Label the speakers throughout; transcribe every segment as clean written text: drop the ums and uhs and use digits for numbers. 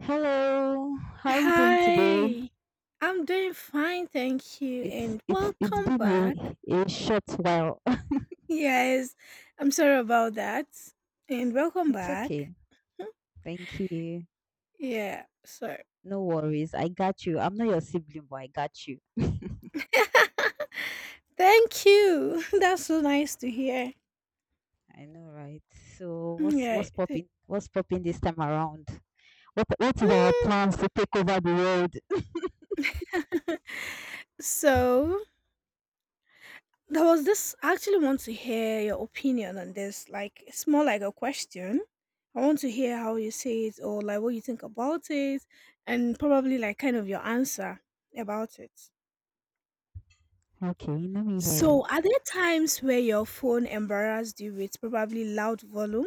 Speaker 1: Hello, how are you doing today?
Speaker 2: Hi, I'm doing fine, thank you,
Speaker 1: It's
Speaker 2: and
Speaker 1: it's it's
Speaker 2: welcome
Speaker 1: been
Speaker 2: back.
Speaker 1: a short while.
Speaker 2: Yes, I'm sorry about that, and welcome
Speaker 1: It's
Speaker 2: back.
Speaker 1: okay.
Speaker 2: Hmm,
Speaker 1: Thank you.
Speaker 2: yeah, sorry.
Speaker 1: No worries. I got you. I'm not your sibling, but I got you.
Speaker 2: Thank you. That's so nice to hear.
Speaker 1: I know, right? So
Speaker 2: Mm,
Speaker 1: what's
Speaker 2: yeah,
Speaker 1: what's
Speaker 2: it
Speaker 1: popping? What's popping this time around? What are our
Speaker 2: is.
Speaker 1: plans to take over the world?
Speaker 2: Hmm. So there was this. I actually want to hear your opinion on this. Like, it's more like a question. I want to hear how you say it or like what you think about it and probably like kind of your answer about it.
Speaker 1: Okay, let me hear you.
Speaker 2: So, are there times where your phone embarrassed you with probably loud volume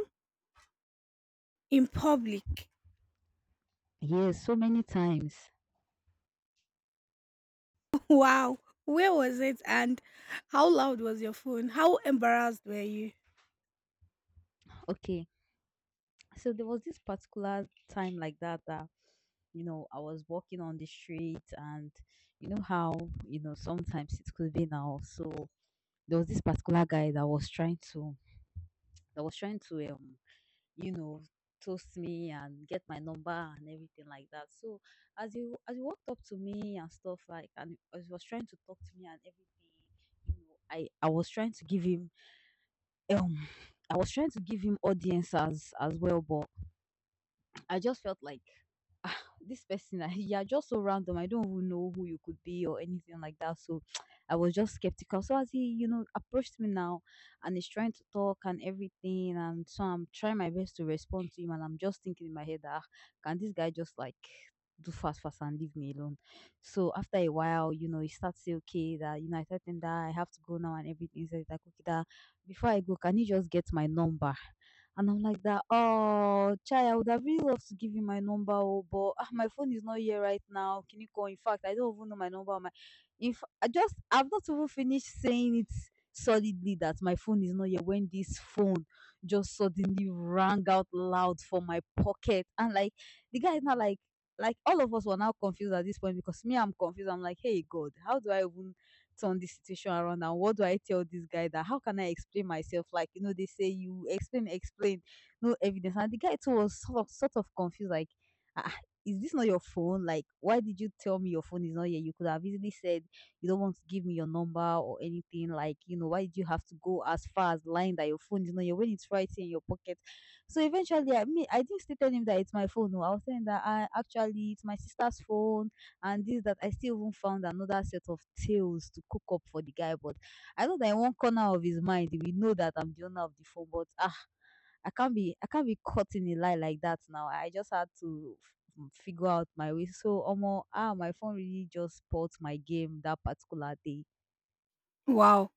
Speaker 2: in public?
Speaker 1: Yes, so many times.
Speaker 2: Wow. Where was it and how loud was your phone? How embarrassed were you?
Speaker 1: Okay, so there was this particular time like that, I was walking on the street, and you know how sometimes it could be now. So there was this particular guy that was trying to that was trying to um you know toast me and get my number and everything like that. So as you walked up to me and stuff like and as he was trying to talk to me and everything, I was trying to give him um audience as well, but I just felt like this person, you're just so random. I don't even know who you could be or anything like that. So I was just skeptical. So as he, approached me now and he's trying to talk and everything. And so I'm trying my best to respond to him. And I'm just thinking in my head, can this guy just like do fast fast and leave me alone. So after a while, he starts say, okay, that I told him that I have to go now and everything. So he's like, okay, that before I go, can you just get my number? And I'm like that, oh, Chai, I would have really loved to give you my number, oh, but my phone is not here right now. Can you call? In fact, I don't even know my number. My, if I just, I've not even finished saying it solidly that my phone is not here when this phone just suddenly rang out loud from my pocket. And like, the guy is not like, like all of us were now confused at this point because me, I'm confused. I'm like, hey, God, how do I even turn this situation around and what do I tell this guy? That how can I explain myself? Like, they say you explain explain, no evidence. And the guy too was sort of confused, like, ah, ah, is this not your phone? Like, why did you tell me your phone is not here? You could have easily said you don't want to give me your number or anything. Like, why did you have to go as far as lying that your phone is not here when it's right here in your pocket? So eventually, I mean, I didn't still tell him that it's my phone. No, I was saying that I, actually, it's my sister's phone. And this that I still even found another set of tales to cook up for the guy. But I know that in one corner of his mind, we know that I'm the owner of the phone. But I can't be caught in a lie like that now. I just had to figure out my way. So almost my phone really just spoiled my game that particular day.
Speaker 2: Wow.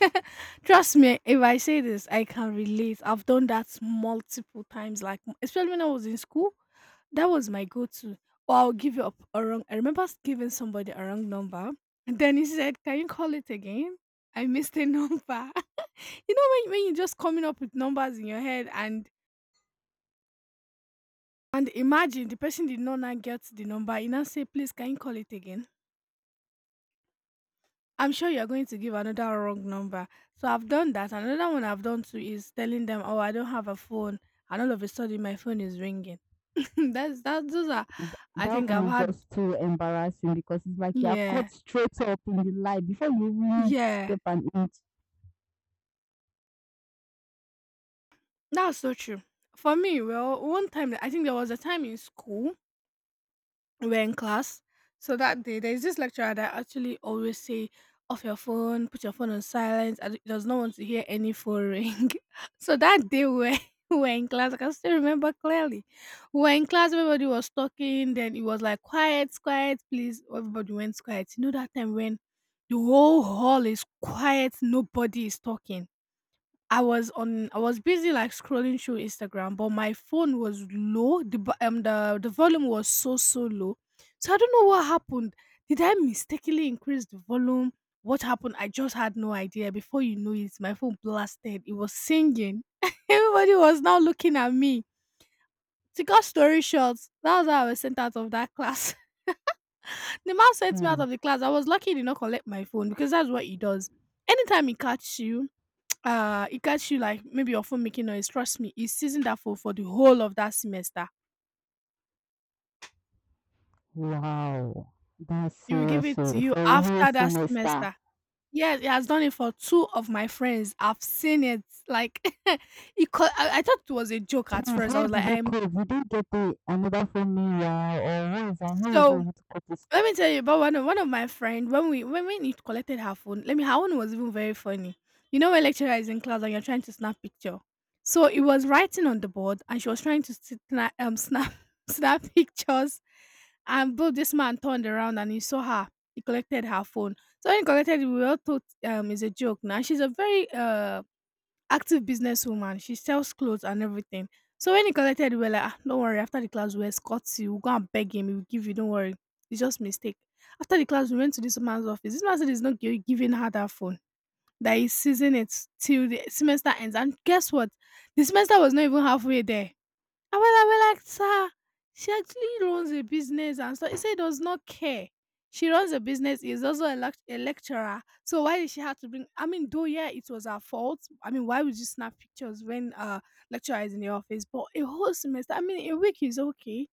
Speaker 2: Trust me, if I say this, I can relate. I've done that multiple times, like especially when I was in school. That was my go-to. Or I'll give you up a wrong. I remember giving somebody a wrong number, and then he said, "Can you call it again?" I missed a number. You know when you're just coming up with numbers in your head, and imagine the person did not now get the number. You now say, "Please, can you call it again?" I'm sure you're going to give another wrong number. So I've done that. Another one I've done too is telling them, "Oh, I don't have a phone," and all of a sudden my phone is ringing. That's that. Those are,
Speaker 1: Th-
Speaker 2: I
Speaker 1: that
Speaker 2: think
Speaker 1: one
Speaker 2: I've
Speaker 1: is
Speaker 2: had.
Speaker 1: just too embarrassing because it's like you're
Speaker 2: Yeah,
Speaker 1: caught straight up in the lie before you even
Speaker 2: yeah.
Speaker 1: step an inch.
Speaker 2: That's so true. For me, well, one time I think there was a time in school we're in class. So that day, there's this lecturer that actually always say, off your phone, put your phone on silence. I does not want to hear any phone ring. So that day, we were, we were in class. I can still remember clearly. We were in class, everybody was talking. Then it was like, quiet, quiet, please. Everybody went quiet. You know that time when the whole hall is quiet, nobody is talking. I was busy like scrolling through Instagram, but my phone was low. The volume was so low. So I don't know what happened. Did I mistakenly increase the volume? What happened? I just had no idea. Before you know it, my phone blasted. It was singing. Everybody was now looking at me. To cut story short, that was how I was sent out of that class. The man sent me
Speaker 1: Hmm.
Speaker 2: out of the class. I was lucky he did not collect my phone because that's what he does. Anytime he catches you, it gets you like maybe your phone making noise. Trust me, it's season that for the whole of that semester.
Speaker 1: Wow. That's
Speaker 2: It will give
Speaker 1: serious.
Speaker 2: it to
Speaker 1: Oh,
Speaker 2: you
Speaker 1: for a whole
Speaker 2: after that
Speaker 1: semester.
Speaker 2: semester. Yes, it has done it for two of my friends. I've seen it. Like, it. I thought it was a joke at
Speaker 1: Please,
Speaker 2: first. I
Speaker 1: how
Speaker 2: was
Speaker 1: did
Speaker 2: like,
Speaker 1: they
Speaker 2: I'm
Speaker 1: cope? Did not get the another phone meanwhile, or what is that? How were they
Speaker 2: so.
Speaker 1: able to cut this?
Speaker 2: Let me tell you about one of my friend when we when it collected her phone. Let me her one was even very funny. You know when lecturer is in class and you're trying to snap picture. So it was writing on the board and she was trying to snap snap pictures. And both this man turned around and he saw her. He collected her phone. So when he collected it, we all thought is a joke. Now she's a very active businesswoman. She sells clothes and everything. So when he collected, we were like, ah, don't worry. After the class, we'll escort you. We'll go and beg him. He'll give you. Don't worry. It's just mistake. After the class, we went to this man's office. This man said he's not giving her that phone. That he's seizing it till the semester ends. And guess what? The semester was not even halfway there. And when I were like, sir, she actually runs a business and so he said he does not care. She runs a business, is also a lecturer. So why did she have to bring I mean, though yeah, it was her fault. I mean, why would you snap pictures when lecturer is in the office? But a whole semester, I mean a week is okay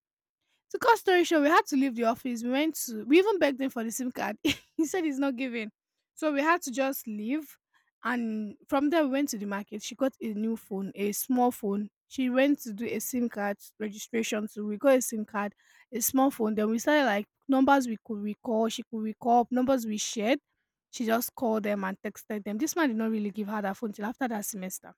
Speaker 2: to cut story short, we had to leave the office. We went to We even begged him for the SIM card. He said he's not giving. So we had to just leave. And from there we went to the market. She got a new phone, a small phone. She went to do a SIM card registration. So we got a SIM card, a small phone. Then we started like numbers we could recall, she could recall, numbers we shared. She just called them and texted them. This man did not really give her that phone till after that semester.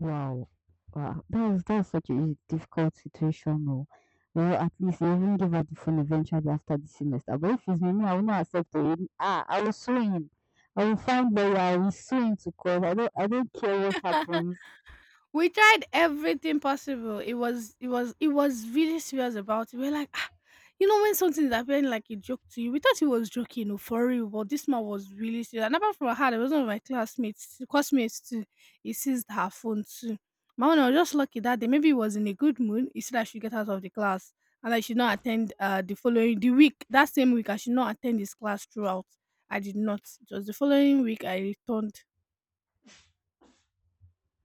Speaker 1: Wow, wow, that was such a difficult situation. No, well, at least they even give her the phone eventually after the semester. But if it's me, me, I will not accept it. I will sue him. I will find lawyer. I will sue him to court. I don't care what happens.
Speaker 2: We tried everything possible. It was really serious about it. We are like, ah, you know, when something is appearing like a joke to you, we thought he was joking or for real, but this man was really serious. And apart from her, there was one of my classmates, classmates too. He seized her phone too. My one I was just lucky that day. Maybe he was in a good mood. He said I should get out of the class and I should not attend the following the week. That same week I should not attend his class throughout. I did not. It was the following week I returned.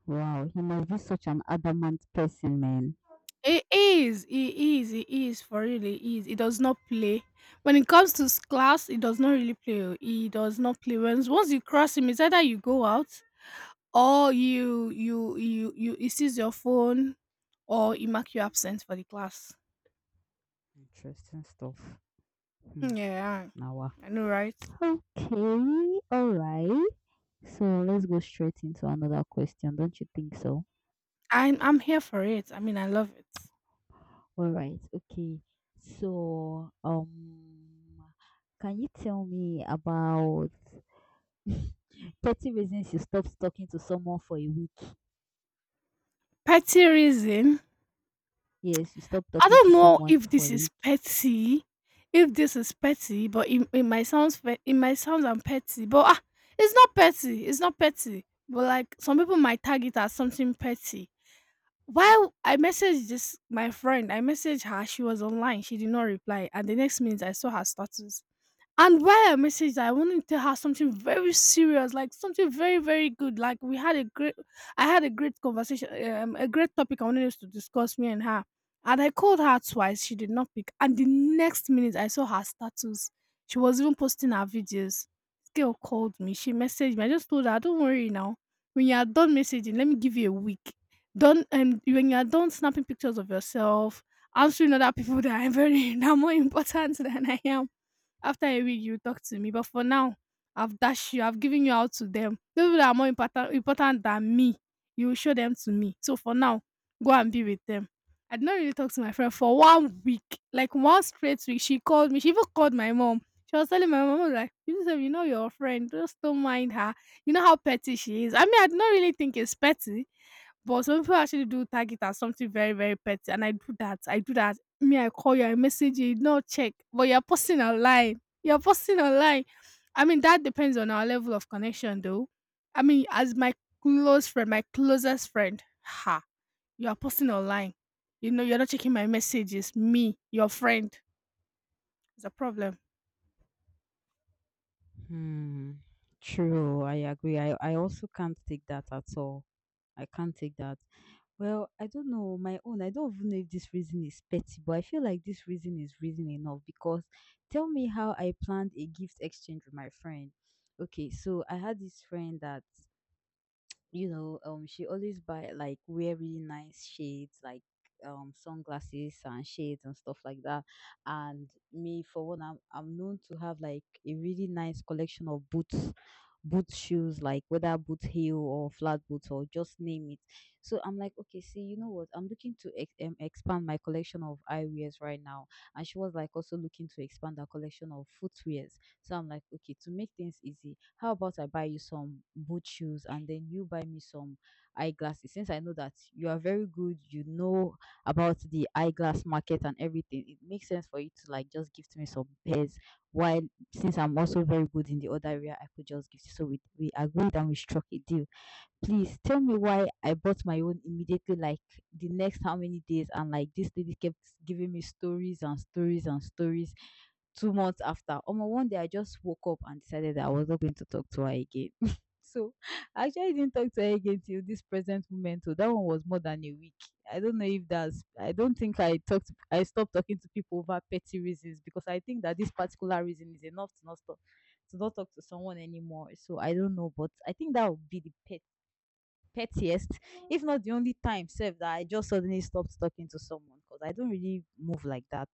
Speaker 1: Wow, he must be such an adamant person, man.
Speaker 2: It is for really. It is. It does not play. When it comes to class, it does not really play. Oh, he does not play. Once you cross him, it's either you go out or you he sees your phone or he mark you absent for the class.
Speaker 1: Interesting stuff. Hmm.
Speaker 2: Yeah,
Speaker 1: Now,
Speaker 2: I know, right?
Speaker 1: okay, all right. So let's go straight into another question, don't you think so?
Speaker 2: I'm here for it. I mean I love it.
Speaker 1: All right. Okay. So, can you tell me about 30 reasons you stopped talking to someone for a week?
Speaker 2: Petty reason.
Speaker 1: Yes, you stopped
Speaker 2: I
Speaker 1: talking to
Speaker 2: don't know
Speaker 1: someone
Speaker 2: if
Speaker 1: for
Speaker 2: this
Speaker 1: a
Speaker 2: is
Speaker 1: week.
Speaker 2: petty, but it might sound I'm petty, but it's not petty. It's not petty. But like some people might tag it as something petty. While I messaged this my friend, I messaged her. She was online. She did not reply, and the next minute I saw her status. And why I messaged her, I wanted to have something very serious, like something very, very good. Like we had a great, I had a great conversation, a great topic I wanted us to discuss, me and her. And I called her twice, she did not pick. And the next minute, I saw her status. She was even posting her videos. This girl called me, she messaged me. I just told her, don't worry now. When you are done messaging, let me give you a week. Don't When you are done snapping pictures of yourself, answering other people that are very that are more important than I am after a week, you talk to me. But for now, I've dashed you. I've given you out to them. Those people that are more important than me, you will show them to me. So for now, go and be with them. I did not really talk to my friend for one week, like one straight week. She called me. She even called my mom. She was telling my mom, I was like, you know your friend. Just don't mind her. You know how petty she is. I mean, I did not really think it's petty but some people actually do tag it as something very, very petty, and I do that. I do that. Me, I call you, I message you, you no check, but you're posting online. You're posting online. I mean, that depends on our level of connection, though. I mean, as my close friend, my closest friend, ha, you are posting online. You know, you're not checking my messages. Me, your friend, it's a problem.
Speaker 1: Hmm. True, I agree. I also can't take that at all. I can't take that. Well, I don't know my own. I don't even know if this reason is petty, but I feel like this reason is reason enough because tell me how I planned a gift exchange with my friend. Okay, so I had this friend that, she always buy like wear really nice shades, like sunglasses and shades and stuff like that. And me, for one, I'm known to have like a really nice collection of boots, boot shoes, like whether boot heel or flat boots or just name it. So I'm like, okay, see, you know what? I'm looking to expand my collection of eyewears right now. And she was like also looking to expand her collection of footwear. So I'm like, okay, to make things easy, how about I buy you some boot shoes and then you buy me some eyeglasses? Since I know that you are very good, you know about the eyeglass market and everything, it makes sense for you to like just gift me some pairs. While since I'm also very good in the other area, I could just gift you. So we agreed and we struck a deal. Please tell me why I bought my own immediately, like the next how many days, and like this lady kept giving me stories and stories and stories 2 months after. Omo, one day I just woke up and decided that I was not going to talk to her again. So I actually didn't talk to her again till this present moment. So that one was more than a week. I don't know if that's, I don't think I talked, I stopped talking to people over petty reasons because I think that this particular reason is enough to not talk to someone anymore. So I don't know, but I think that would be the pettiest, if not the only time, save that I just suddenly stopped talking to someone because I don't really move like that.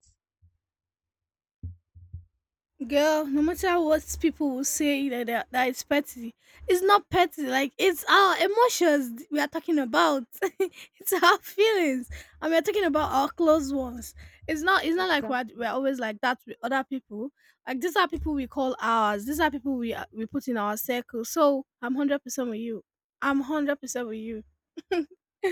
Speaker 2: Girl, no matter what people will say that it's petty, it's not petty. Like it's our emotions we are talking about. It's our feelings, and we're talking about our close ones. It's not. It's not like we're
Speaker 1: Exactly.
Speaker 2: always like that with other people. Like these are people we call ours. These are people we put in our circle. So I'm 100% with you. I'm 100% with you.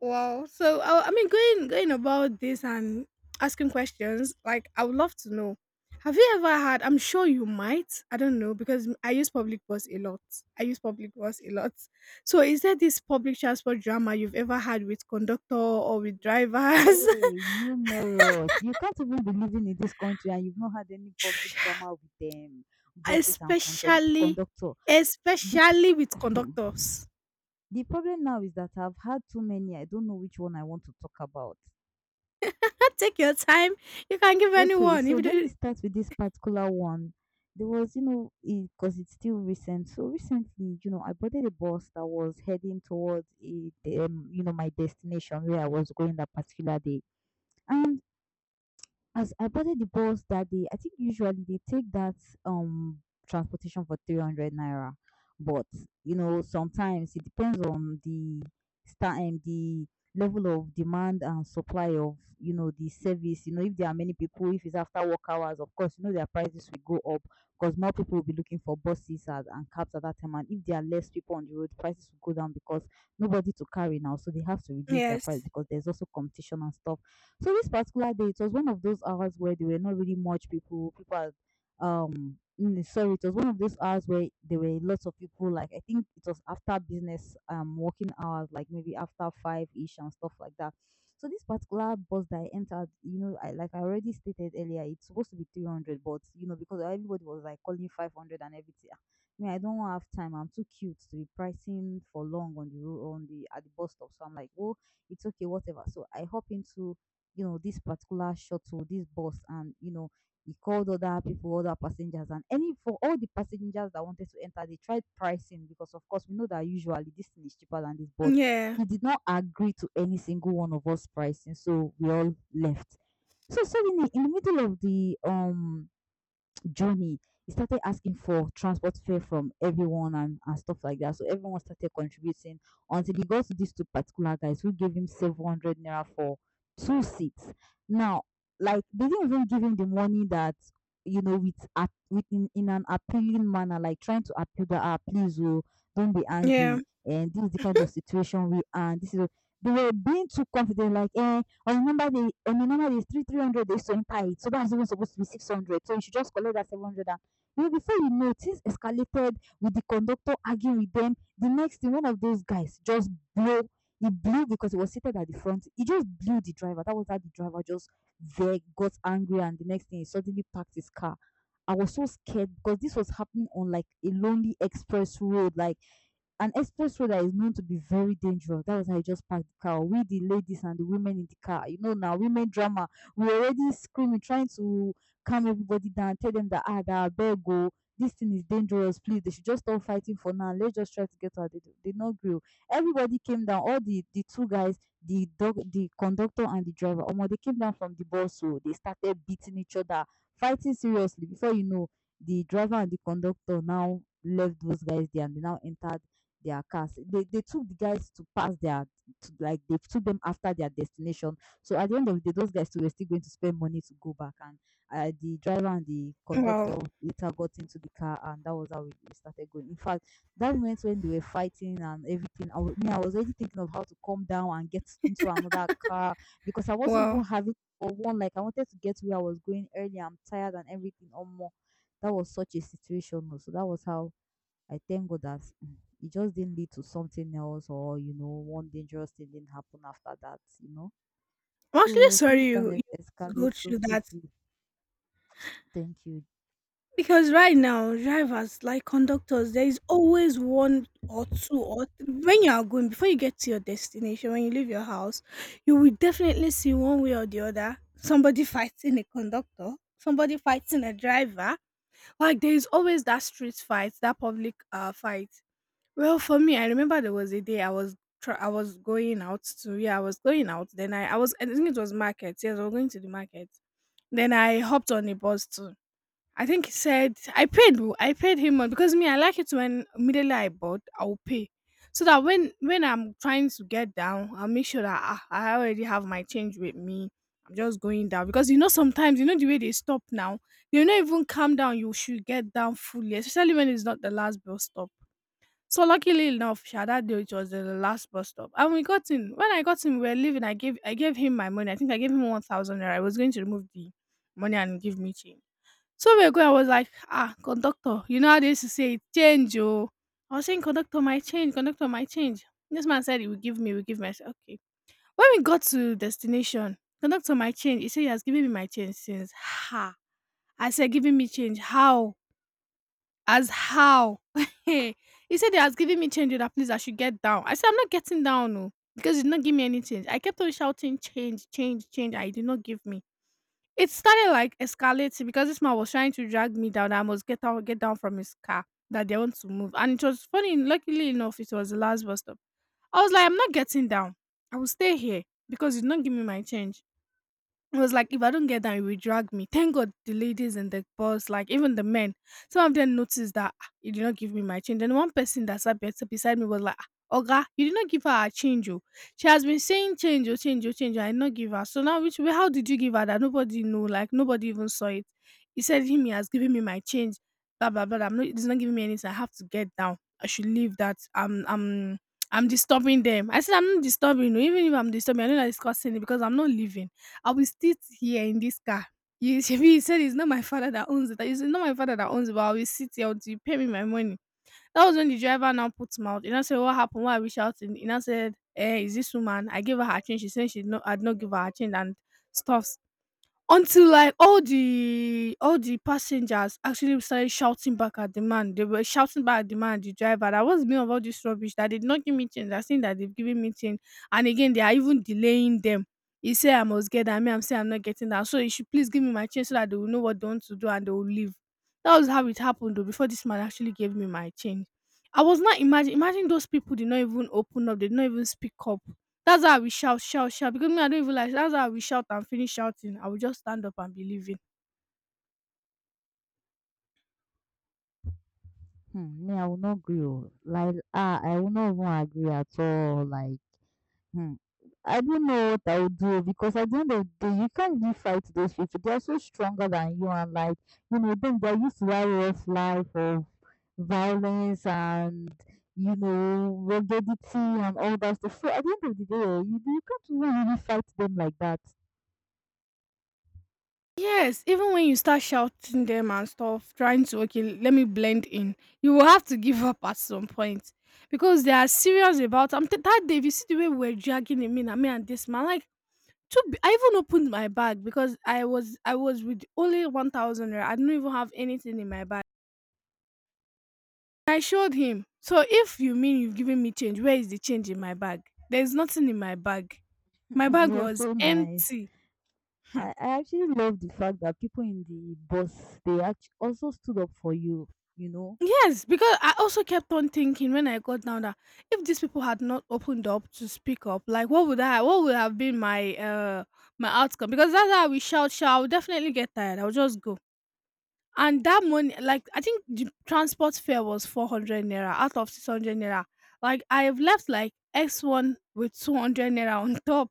Speaker 2: Wow. So I mean, going about this and asking questions, like I would love to know. Have you ever had? I'm sure you might. I don't know because I use public bus a lot. I use public bus a lot. So is there this public transport drama you've ever had with conductor or with drivers,
Speaker 1: Hey, numerous. You can't even be living in this country and you've not had any public drama with them, bosses and conduct
Speaker 2: especially?
Speaker 1: conductor. The,
Speaker 2: Especially with conductors,
Speaker 1: the problem now is that I've had too many. I don't know which one I want to talk about.
Speaker 2: you can take your time. You can give
Speaker 1: Okay,
Speaker 2: anyone.
Speaker 1: so
Speaker 2: If you
Speaker 1: let
Speaker 2: do,
Speaker 1: me start with this particular one. There was, because it's still recent. So recently, I boarded a bus that was heading towards, a, my destination where I was going that particular day. As I boarded the bus that day, I think usually they take that um transportation for 300 naira. But, sometimes it depends on the star and the level of demand and supply of the service. If there are many people, if it's after work hours, of course, their prices will go up because more people will be looking for buses at, and cabs at that time. And if there are less people on the road, prices will go down because nobody to carry now, so they have to reduce their price
Speaker 2: yes,
Speaker 1: because there's also competition and stuff. So this particular day, it was one of those hours where there were not really much people. People had, sorry, it was one of those hours where there were lots of people. Like I think it was after business, working hours, like maybe after five ish and stuff like that. So this particular bus that I entered, I already stated earlier, it's supposed to be 300, but, because everybody was like calling 500 and everything. Me, I don't have time. I'm too cute to be pricing for long on the road on the at the bus stop. So I'm like, oh, it's okay, whatever. So I hop into, this particular shuttle, this bus, and, he called other people, other passengers, and any for all the passengers that wanted to enter, they tried pricing because, of course, we know that usually this thing is cheaper than this, but
Speaker 2: yeah,
Speaker 1: he did not agree to any single one of us pricing, so we all left. So suddenly, in the middle of the journey, he started asking for transport fare from everyone and stuff like that. So everyone started contributing until he got to these two particular guys who gave him 700 naira for 2 seats. Now, like they didn't even give him the money that you know with a with in an appealing manner, like trying to appeal that ah, please oh, don't be
Speaker 2: yeah.
Speaker 1: angry and this is the kind of situation we are. And this is they were being too confident, like eh, or remember the on a normal three hundred they multiply it, so that's even supposed to be 600. So you should just collect that 700. And you know, before you know, it, things escalated with the conductor arguing with them. The next thing, one of those guys just blew. He blew because he was seated at the front. He just blew the driver. That was how the driver just there got angry, and the next thing he suddenly parked his car. I was so scared because this was happening on like a lonely express road, like an express road that is known to be very dangerous. That was how I just parked the car. We, the ladies and the women in the car, you know, now women drama. We already screaming, trying to calm everybody down, tell them that, ah, that beg go. This thing is dangerous. Please, they should just stop fighting for now. Let's just try to get out. They did they not grill. Everybody came down. All the two guys, the dog, the conductor and the driver. Omo, they came down from the bus, so they started beating each other, fighting seriously. Before you know, the driver and the conductor now left those guys there and they now entered their cars. They took the guys to pass their to, like they took them after their destination. So at the end of the day, those guys too were still going to spend money to go back. And the driver and the
Speaker 2: Wow,
Speaker 1: conductor later got into the car, and that was how we started going. In fact, that moment when they were fighting and everything, I was, me, I was already thinking of how to calm down and get into another car because I wasn't even
Speaker 2: wow.
Speaker 1: having or one like I wanted to get where I was going early. I'm tired and everything. Or more, that was such a situation, oh. So that was how I thank God that it just didn't lead to something else or, you know, one dangerous thing didn't happen after that, you know.
Speaker 2: I'm actually
Speaker 1: So
Speaker 2: sorry
Speaker 1: things can
Speaker 2: you, you had to go
Speaker 1: escalate so
Speaker 2: through that,
Speaker 1: quickly. Thank you.
Speaker 2: because right now, drivers, like conductors, there is always one or two when you are going before you get to your destination, when you leave your house, you will definitely see one way or the other somebody fighting a conductor, somebody fighting a driver. Like there is always that street fight, that public fight. Well, for me, I remember there was a day I was going out to yeah, I was going out. Then I think it was market. Yes, I was going to the market. Then I hopped on the bus too. I think he said I paid. Oh, I paid him money because me, I like it when immediately I bought I will pay, so that when I'm trying to get down, I'll make sure that I already have my change with me. I'm just going down because sometimes the way they stop now. They will not even calm down. You should get down fully, especially when it's not the last bus stop. So luckily enough, she that day, it was the last bus stop. And we got in. When I got in, we were leaving. I gave him my money. I think I gave him 1,000 naira. I was going to remove the money and give me change. So we were going, I was like, ah, conductor, you know how they used to say it, change, oh. I was saying, conductor, my change, conductor, my change. This man said he will give me. I said, okay. When we got to destination, conductor, my change. He said he has given me my change since. Ha. I said, giving me change. How? As how? He said he has given me change, oh, that please I should get down. I said I'm not getting down, no, because he did not give me any change. I kept on shouting change, change, change, and he did not give me. It started like escalating because this man was trying to drag me down. I must get out, get down from his car. That they want to move, and it was funny. Luckily enough, it was the last bus stop. I was like, I'm not getting down. I will stay here because he did not give me my change. It was like, if I don't get that, it will drag me. Thank God the ladies and the boss, like even the men, some of them noticed that, "Ah, you did not give me my change." And one person that sat beside me was like, "Ah, Oga, you did not give her her change. Oh. She has been saying change, oh, change, oh, change, oh, I did not give her. So now, which way, how did you give her that?" Nobody knew, like nobody even saw it. He said, him, he has given me my change. Blah, blah, blah. I'm not, it's not giving me anything. I have to get down. I should leave that. I'm disturbing them. I said, I'm not disturbing you. Even if I'm disturbing, I know that it's causing it because I'm not leaving. I will sit here in this car. You, shebi said, it's not my father that owns it. It's not my father that owns it, but I will sit here until you pay me my money. That was when the driver now put him out. You know, said, "What happened? Why are we shouting?" You know, said, "Eh, is this woman? I gave her her change." She said she, no, I'd not give her her change and stuffs. Until like all the passengers actually started shouting back at the man. They were shouting back at the man, the driver. That was me of all this rubbish. That they did not give me change. They're saying that they've given me change. And again, they are even delaying them. He said I must get that. Me, I'm saying I'm not getting that. So you should please give me my change so that they will know what they want to do and they will leave. That was how it happened though, before this man actually gave me my change. I was not, imagine, imagine those people did not even open up, they did not even speak up. That's how we shout, shout, shout, because me, I don't even like, that's how we shout and finish shouting. I will just stand up and be leaving.
Speaker 1: Hmm, me, I will not agree, oh. Like, ah, I will not even agree at all. Like, hmm, I don't know what I would do because at the end of the day, you can't really fight those people. They are so stronger than you, and like, you know, them they're used to that rough life of violence and, you know, ruggedity and all that stuff. So at the end of the day, eh, you can't even really fight them like that.
Speaker 2: Yes, even when you start shouting them and stuff, trying to, okay, let me blend in, you will have to give up at some point because they are serious about. That day, if you see the way we were dragging him in, and me and this man, like, to be, I even opened my bag because I was with only 1,000 naira. I do not even have anything in my bag. I showed him. So if you mean you've given me change, where is the change in my bag? There's nothing in my bag. My bag
Speaker 1: You're
Speaker 2: was
Speaker 1: so nice.
Speaker 2: empty.
Speaker 1: I,
Speaker 2: Hmm.
Speaker 1: I actually love the fact that people in the bus they actually also stood up for you. You know.
Speaker 2: Yes, because I also kept on thinking when I got down that, if these people had not opened up to speak up, like what would have been my my outcome? Because that's how we shout, shout. I would definitely get tired. I'll just go. And that money, like I think the transport fare was 400 naira out of 600 naira. Like I have left like X one with 200 naira on top.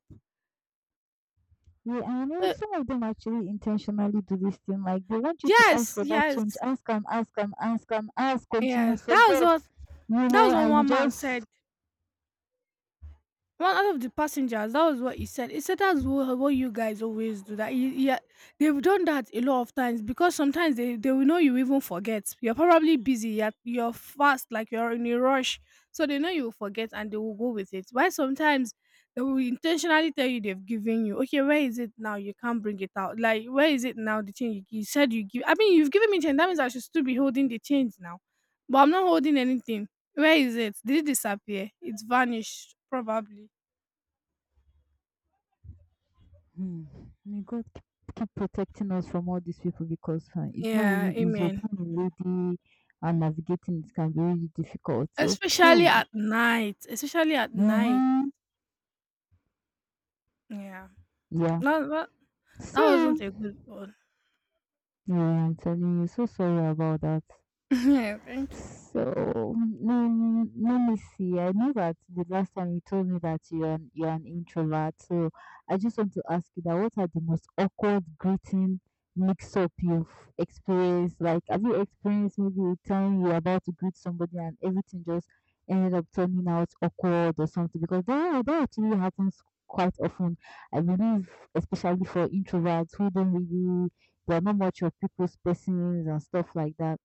Speaker 1: Yeah, and I know
Speaker 2: Uh,
Speaker 1: some of them actually intentionally do this thing. Like they want you to ask
Speaker 2: yes,
Speaker 1: for that
Speaker 2: yes,
Speaker 1: change. Ask and ask and ask and ask until you
Speaker 2: yes. That was
Speaker 1: forget.
Speaker 2: what
Speaker 1: You
Speaker 2: that
Speaker 1: know,
Speaker 2: was what
Speaker 1: and you
Speaker 2: one man
Speaker 1: just
Speaker 2: said. One out of the passengers, that was what he said. He said that's what you guys always do. That they've done that a lot of times because sometimes they will know you even forget. You're probably busy. You're fast, like you're in a rush, so they know you will forget and they will go with it. Why sometimes they will intentionally tell you they've given you. Okay, where is it now? You can't bring it out. Like where is it now? The change you said you give. I mean, you've given me change. That means I should still be holding the change now, but I'm not holding anything. Where is it? Did it disappear? It's vanished probably.
Speaker 1: Hmm. May God keep, keep protecting us from all these people because it's not
Speaker 2: Yeah,
Speaker 1: really easy.
Speaker 2: amen.
Speaker 1: Being a lady and navigating it can be really difficult.
Speaker 2: Especially
Speaker 1: Okay.
Speaker 2: at night, especially at night.
Speaker 1: Mm-hmm.
Speaker 2: Yeah,
Speaker 1: Yeah.
Speaker 2: that that, that wasn't
Speaker 1: So,
Speaker 2: a good one.
Speaker 1: yeah, I'm telling you, so sorry about that.
Speaker 2: Yeah, thank you.
Speaker 1: So let me see. I know that the last time you told me that you're an introvert. So I just want to ask you that what are the most awkward greeting mix up you've experienced? Like, have you experienced maybe a time you're about to greet somebody and everything just ended up turning out awkward or something? Because that actually happens quite often. I believe, especially for introverts who don't really, they're not much of people's persons and stuff like that.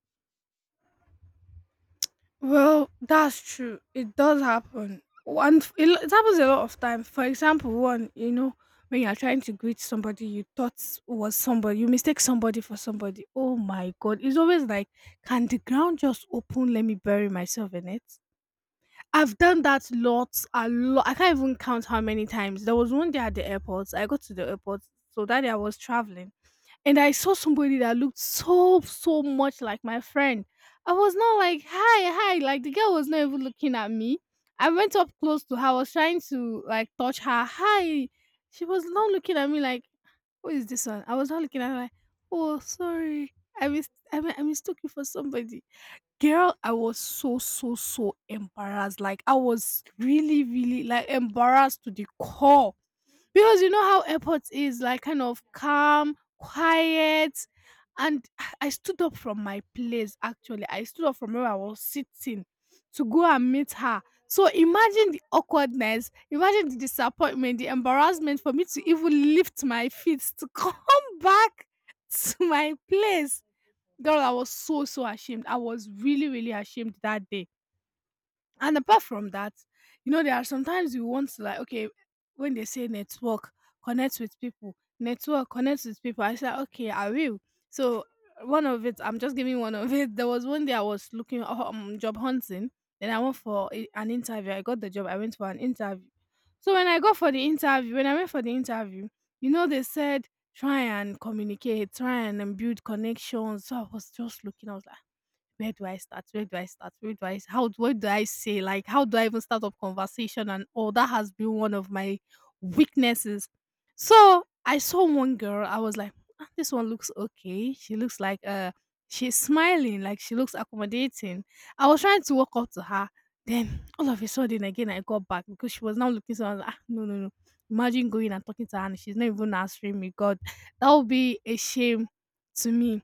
Speaker 2: Well, that's true. It does happen. One, f- it, lo- It happens a lot of time. For example, one, when you're trying to greet somebody you thought was somebody, you mistake somebody for somebody. Oh my God! It's always like, can the ground just open? Let me bury myself in it. I've done that lots a lot. I can't even count how many times. There was one day at the airport. I got to the airport. So that day I was traveling and I saw somebody that looked so so much like my friend. I was not like, hi, hi, like the girl was not even looking at me. I went up close to her, I was trying to like touch her. Hi. She was not looking at me like, who is this one? I was not looking at her like, oh sorry, I missed I, mi- I mistook you for somebody. Girl, I was so, so, so embarrassed. Like, I was really, really, like, embarrassed to the core. Because you know how airports is, like, kind of calm, quiet. And I stood up from my place, actually. I stood up from where I was sitting to go and meet her. So imagine the awkwardness, imagine the disappointment, the embarrassment for me to even lift my feet to come back to my place. Girl, I was so, so ashamed. I was really, really ashamed that day. And apart from that, there are sometimes you want to, like, okay, when they say network, connect with people, network, connect with people. I said, okay, I will. So one of it, I'm just giving one of it. There was one day I was looking, job hunting. Then I went for an interview. I got the job. I went for an interview. So when I got for the interview, when I went for the interview, you know, they said try and communicate, try and, build connections. So I was just looking. I was like, where do I start? Where do I start? Where do I how do- What do I say? Like how do I even start up conversation and all that has been one of my weaknesses. So I saw one girl, I was like, "Ah, this one looks okay. She looks like she's smiling, like she looks accommodating." I was trying to walk up to her. Then all of a sudden again I got back because she was now looking, so I was like, ah, no, no, no. Imagine going and talking to her and she's not even answering me. God, that would be a shame to me.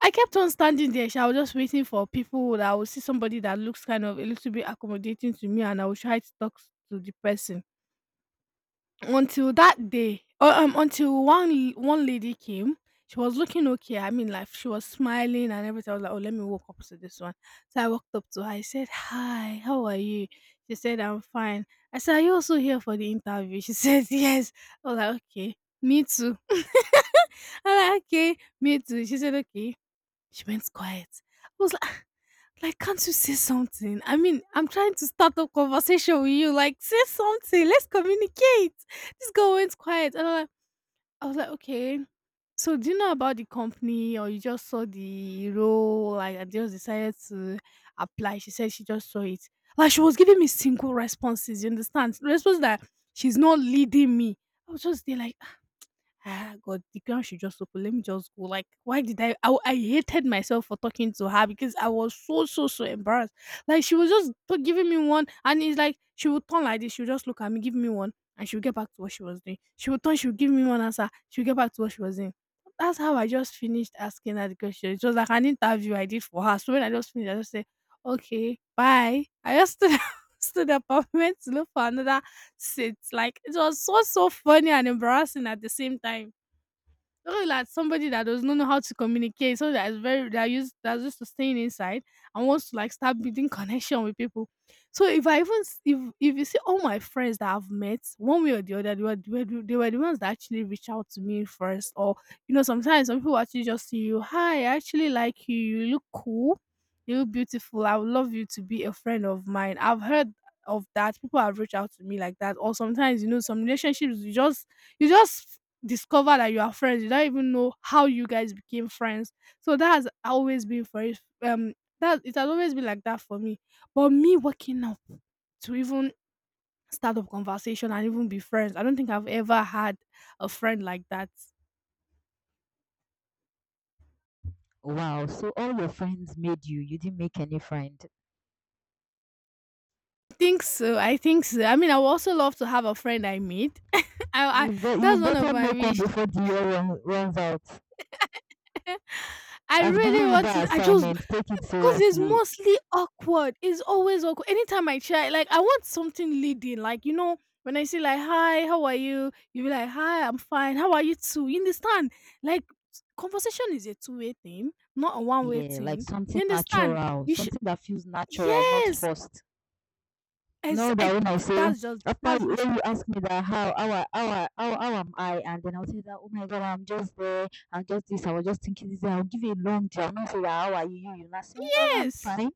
Speaker 2: I kept on standing there sha, I was just waiting for people that I would see somebody that looks kind of a little bit accommodating to me and I would try to talk to the person. Until that day, or until one lady came, she was looking okay. I mean, like she was smiling and everything. I was like, "Oh, let me walk up to this one." So I walked up to her. I said, "Hi, how are you?" She said, "I'm fine." I said, "Are you also here for the interview?" She said, "Yes." I was like, "Okay, me too." I'm like, "Okay, me too." She said, "Okay." She went quiet. I was like, like, can't you say something? I mean, I'm trying to start a conversation with you. Like, say something. Let's communicate. This girl went quiet. I was like, okay. So do you know about the company, or you just saw the role? Like, and just decided to apply. She said she just saw it. Like, she was giving me single responses. You understand? Response that she's not leading me. I was just there like, ah, God, the ground should just open. Let me just go. Like, why did I? I hated myself for talking to her because I was so, so, so embarrassed. Like, she was just giving me one, and it's like she would turn like this. She would just look at me, give me one, and she would get back to what she was doing. She would turn, she would give me one answer, she would get back to what she was doing. That's how I just finished asking her the question. It was like an interview I did for her. So when I just finished, I just said, okay, bye. I just stood up, stood up. I went to look for another. It's like it was so so funny and embarrassing at the same time. Look like somebody that does not know how to communicate, so that is very that used that's used to staying inside and wants to like start building connection with people. So if I even if you see all my friends that I've met one way or the other, they were they were the ones that actually reach out to me first, or you know sometimes some people actually just see you, hi, I actually like you look cool, you look beautiful, I would love you to be a friend of mine. I've heard of that, people have reached out to me like that, or sometimes you know some relationships you just discover that you are friends. You don't even know how you guys became friends. So that has always been for it. That it has always been like that for me. But me waking up to even start up conversation and even be friends, I don't think I've ever had a friend like that.
Speaker 1: Wow, so all your friends made you. You didn't make any friend.
Speaker 2: I think so. I think so. I mean, I would also love to have a friend I meet. I
Speaker 1: You
Speaker 2: that's one of
Speaker 1: better
Speaker 2: my
Speaker 1: make one
Speaker 2: wish.
Speaker 1: before the runs out.
Speaker 2: I
Speaker 1: I've given
Speaker 2: really
Speaker 1: you
Speaker 2: want
Speaker 1: that
Speaker 2: to. I just
Speaker 1: assignment. Take it
Speaker 2: because it's
Speaker 1: seriously.
Speaker 2: mostly awkward. It's always awkward. Anytime I try, like I want something leading. Like you know, when I say like "Hi, how are you?" You be like "Hi, I'm fine. How are you too?" You understand? Like s- conversation is a two-way thing, not a one way
Speaker 1: Yeah, like
Speaker 2: thing.
Speaker 1: something
Speaker 2: You understand?
Speaker 1: natural,
Speaker 2: You should
Speaker 1: something that feels natural, not
Speaker 2: yes.
Speaker 1: forced.
Speaker 2: As
Speaker 1: Know that when I say after
Speaker 2: that's
Speaker 1: you-
Speaker 2: just
Speaker 1: when you
Speaker 2: it.
Speaker 1: ask me that how I- how I- how am I, and then I'll say that oh my god I'm just there, I'm just this, I was just thinking this. I'll give you a long job. I'll not say that how are you, you, you're not saying well I'm
Speaker 2: Yes.
Speaker 1: fine.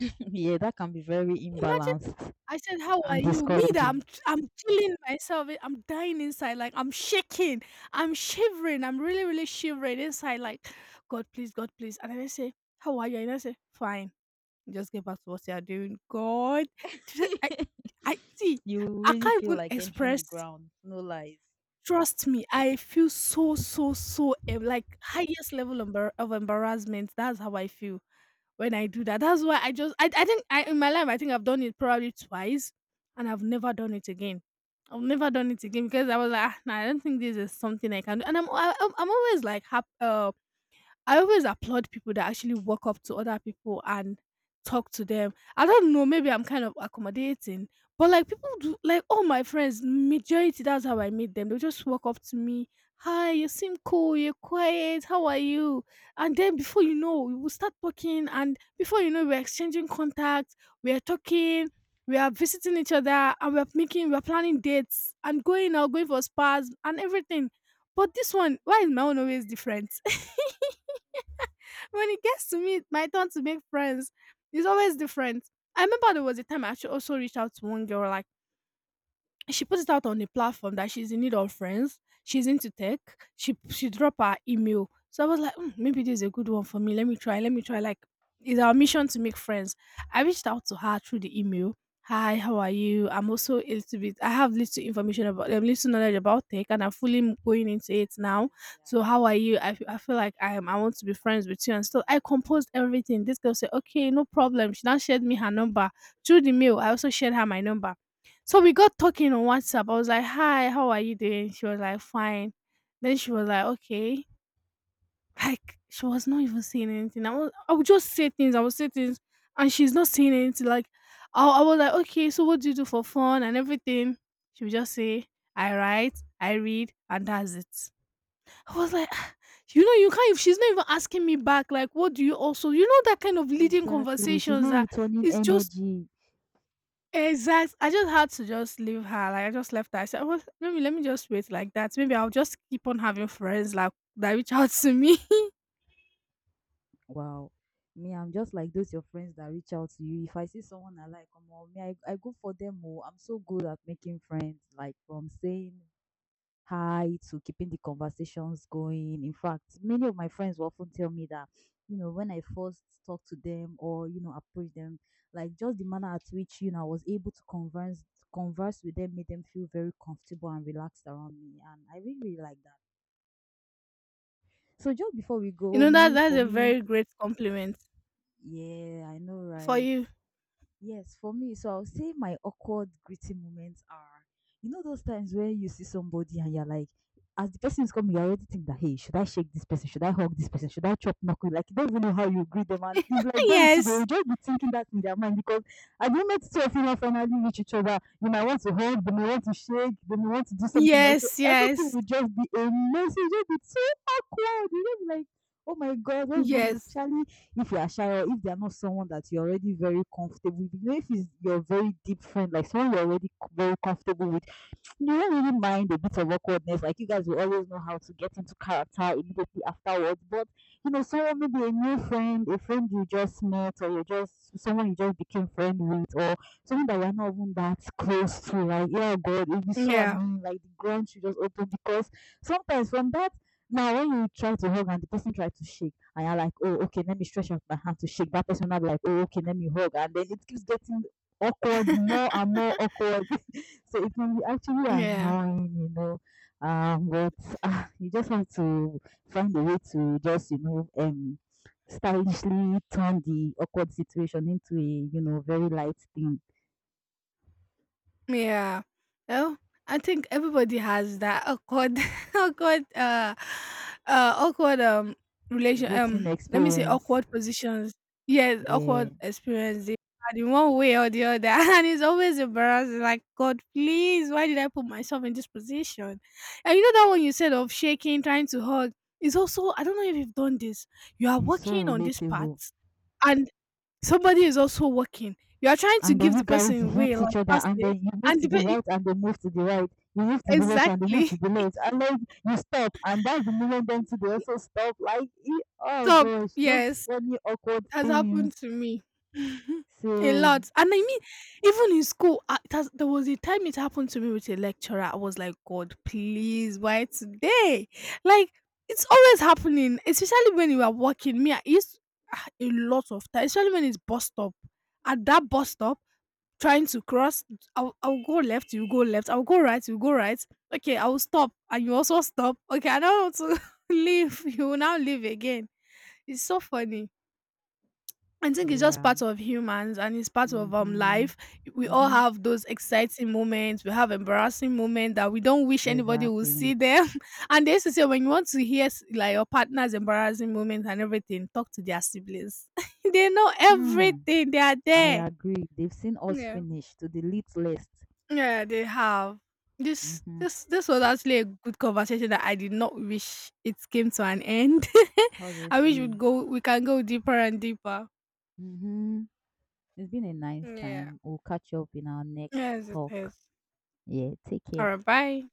Speaker 1: Yeah, that can be very
Speaker 2: Imagine
Speaker 1: imbalanced
Speaker 2: I said, "How are
Speaker 1: and
Speaker 2: you?" Me that
Speaker 1: discouraging.
Speaker 2: I'm killing myself. Eh, I'm dying inside. Like I'm shaking. I'm shivering. I'm really, really shivering inside. Like, God, please, God, please. And then I say, "How are you?" And I say, "Fine." Just get back to what you are doing. God, I, I see.
Speaker 1: You
Speaker 2: I
Speaker 1: really
Speaker 2: can't
Speaker 1: feel
Speaker 2: even
Speaker 1: like entering the
Speaker 2: express.
Speaker 1: ground. No lies.
Speaker 2: Trust me, I feel so, so, so em- like highest level embar- of embarrassment. That's how I feel when I do that. That's why I just I think I in my life I think I've done it probably twice, and I've never done it again. I've never done it again because I was like, ah, nah, I don't think this is something I can do. And I'm always like happy. I always applaud people that actually walk up to other people and talk to them. I don't know, maybe I'm kind of accommodating, but like people do, like all my friends, majority that's how I meet them. They'll just walk up to me, hi, you seem cool, you're quiet, how are you? And then before you know, we will start talking, and before you know, we're exchanging contacts, we're talking. We are visiting each other and we're making, we're planning dates and going out, going for spas and everything. But this one, why is my own always different? When it gets to me, my turn to make friends, it's always different. I remember there was a time I actually also reached out to one girl, like she puts it out on the platform that she's in need of friends. She's into tech. She dropped her email. So I was like, "Hmm, maybe this is a good one for me. Let me try. Let me try. Like, it's our mission to make friends." I reached out to her through the email. Hi, how are you? I'm also a little bit. I have little information about,
Speaker 1: Hairs,
Speaker 2: little
Speaker 1: in
Speaker 2: knowledge about tech, and I'm fully
Speaker 1: my I think
Speaker 2: going into it
Speaker 1: the
Speaker 2: now.
Speaker 1: hairs here are
Speaker 2: So how
Speaker 1: like
Speaker 2: are
Speaker 1: so
Speaker 2: you? I
Speaker 1: dry,
Speaker 2: feel like I am.
Speaker 1: so
Speaker 2: I
Speaker 1: they're
Speaker 2: want to
Speaker 1: like
Speaker 2: be friends with
Speaker 1: affecting
Speaker 2: you, and
Speaker 1: me
Speaker 2: still
Speaker 1: when
Speaker 2: I
Speaker 1: we have
Speaker 2: composed everything. This girl said, okay, no problem. She now shared me her number through the mail. I also shared her my number, so we got talking on WhatsApp. I was like, "Hi, how are you doing?" She was like, "Fine." Then she was like, "Okay." Like she was not even saying anything. I would just say things. I would say things, and she's not saying anything. Like I was like, "Okay, so what do you do for fun and everything?" She would just say, "I write, I read, and that's it." I was like, "Ah, you know, you can't." If she's not even asking me back, like, "What do you also?" You know that kind of
Speaker 1: the wrong.
Speaker 2: leading
Speaker 1: Exactly. She's
Speaker 2: conversations
Speaker 1: not
Speaker 2: that
Speaker 1: returning
Speaker 2: is just
Speaker 1: energy.
Speaker 2: exact. I just had to just leave her. Like I just left her. I said, "Well, maybe let me just wait like that. Maybe I'll just keep on having friends like that reach out to me."
Speaker 1: Wow. Me, I'm just like those your friends that reach out to you. If I see someone I like, come on, me, I go for them. Oh, I'm so good at making friends, like from saying high to keeping the conversations going. In fact, many of my friends will often tell me that, you know, when I first talk to them or, you know, approach them, like just the manner at which, you know, I was able to converse with them made them feel very comfortable and relaxed around me. And I really, really like that. So just before we
Speaker 2: You
Speaker 1: go,
Speaker 2: know that
Speaker 1: me
Speaker 2: that's
Speaker 1: for
Speaker 2: a
Speaker 1: me,
Speaker 2: very great compliment
Speaker 1: yeah, I know,
Speaker 2: for
Speaker 1: right?
Speaker 2: you.
Speaker 1: Yes, for me, so I'll say my awkward greeting moments are, you know, those times where you see somebody and you're like, as the person is coming, you already think that, hey, should I shake this person? Should I hug this person? Should I chop knuckle? Like, you don't even know how you greet them. And it's like them too, they will
Speaker 2: Yes,
Speaker 1: just be thinking that in their mind because at the moment two of you now finally reach each other, you might want to hug, they may want to shake, they may want to do something else. So
Speaker 2: yes,
Speaker 1: everything
Speaker 2: yes,
Speaker 1: will just be a mess. It will just be so awkward. You'll just like, oh my God, what's going on?
Speaker 2: yes.
Speaker 1: Especially if you are shy or if they're not someone that you're already very comfortable with, you know, if it's your very deep friend, like someone you're already very comfortable with, you do not really mind a bit of awkwardness. Like you guys will always know how to get into character immediately afterwards. But you know, someone maybe a new friend, a friend you just met, or you just someone you just became friend with, or someone that you're not even that close to. Like, yeah, God, it'll be so
Speaker 2: Yeah,
Speaker 1: annoying. Like the ground you just open because sometimes from that. Now, when you try to hug and the person tries to shake, and you're like, oh, okay, let me stretch out my hand to shake. That person will be like, oh, okay, let me hug. And then it keeps getting awkward, more and more awkward. So it can be actually
Speaker 2: yeah.
Speaker 1: annoying, you know. But you just have to find a way to just, you know, stylishly turn the awkward situation into a, you know, very light thing.
Speaker 2: Yeah. Oh, I think everybody has that awkward, awkward, awkward relation.
Speaker 1: Greeting
Speaker 2: Let me say
Speaker 1: experience.
Speaker 2: awkward positions. Yes,
Speaker 1: Yeah,
Speaker 2: awkward experience they had in one way or the other, and it's always embarrassing. Like God, please, why did I put myself in this position? And you know that one you said of shaking, trying to hug. Is also I don't know if you've done this. You are
Speaker 1: it's
Speaker 2: working
Speaker 1: so
Speaker 2: on this part,
Speaker 1: relatable.
Speaker 2: and somebody is also working. You are trying to
Speaker 1: And then
Speaker 2: give
Speaker 1: you
Speaker 2: the
Speaker 1: guys
Speaker 2: person away
Speaker 1: hit each
Speaker 2: like
Speaker 1: other, and then
Speaker 2: passe,
Speaker 1: you move
Speaker 2: and
Speaker 1: to
Speaker 2: the
Speaker 1: the
Speaker 2: pe- e-,
Speaker 1: right, and they move to the right. You move to the left, and they move
Speaker 2: exactly
Speaker 1: to the left. And then you stop, and that's the moment them too. They also stop. Like, e- oh
Speaker 2: top.
Speaker 1: gosh, those
Speaker 2: Yes,
Speaker 1: funny awkward
Speaker 2: it has happened
Speaker 1: things.
Speaker 2: to me mhm, a
Speaker 1: Same.
Speaker 2: lot. And I mean, even in school, I, it has, there was a time it happened to me with a lecturer. I was like, God, please, why today? Like it's always happening, especially when you are working. Me, I used ah, a lot of time, especially when it's bus stop. At that bus stop, trying to cross, I'll go left you go left, I'll go right you go right, okay I'll stop and you also stop, okay I don't want to leave, you will now leave again. It's so funny. I think it's just
Speaker 1: Yeah.
Speaker 2: part of humans and it's part of
Speaker 1: Mhm.
Speaker 2: life. We all
Speaker 1: Mhm.
Speaker 2: have those exciting moments, we have embarrassing moments that we don't wish anybody will
Speaker 1: Exactly.
Speaker 2: see them, and they used to say when you want to hear like your partner's embarrassing moments and everything, talk to their siblings. They know
Speaker 1: Hmm.
Speaker 2: everything, they are
Speaker 1: I
Speaker 2: there.
Speaker 1: agree. They've seen us
Speaker 2: Yeah.
Speaker 1: finish to the lit list.
Speaker 2: Yeah, they have. This
Speaker 1: Mhm.
Speaker 2: this this was actually a good conversation that I did not wish it came to an end. I wish we'd
Speaker 1: Honestly.
Speaker 2: go we can go deeper and deeper.
Speaker 1: Mhm. It's been a nice
Speaker 2: Yeah.
Speaker 1: time. We'll catch up in our next
Speaker 2: Yes, it is.
Speaker 1: talk. Yeah. Take
Speaker 2: All
Speaker 1: care.
Speaker 2: right, bye.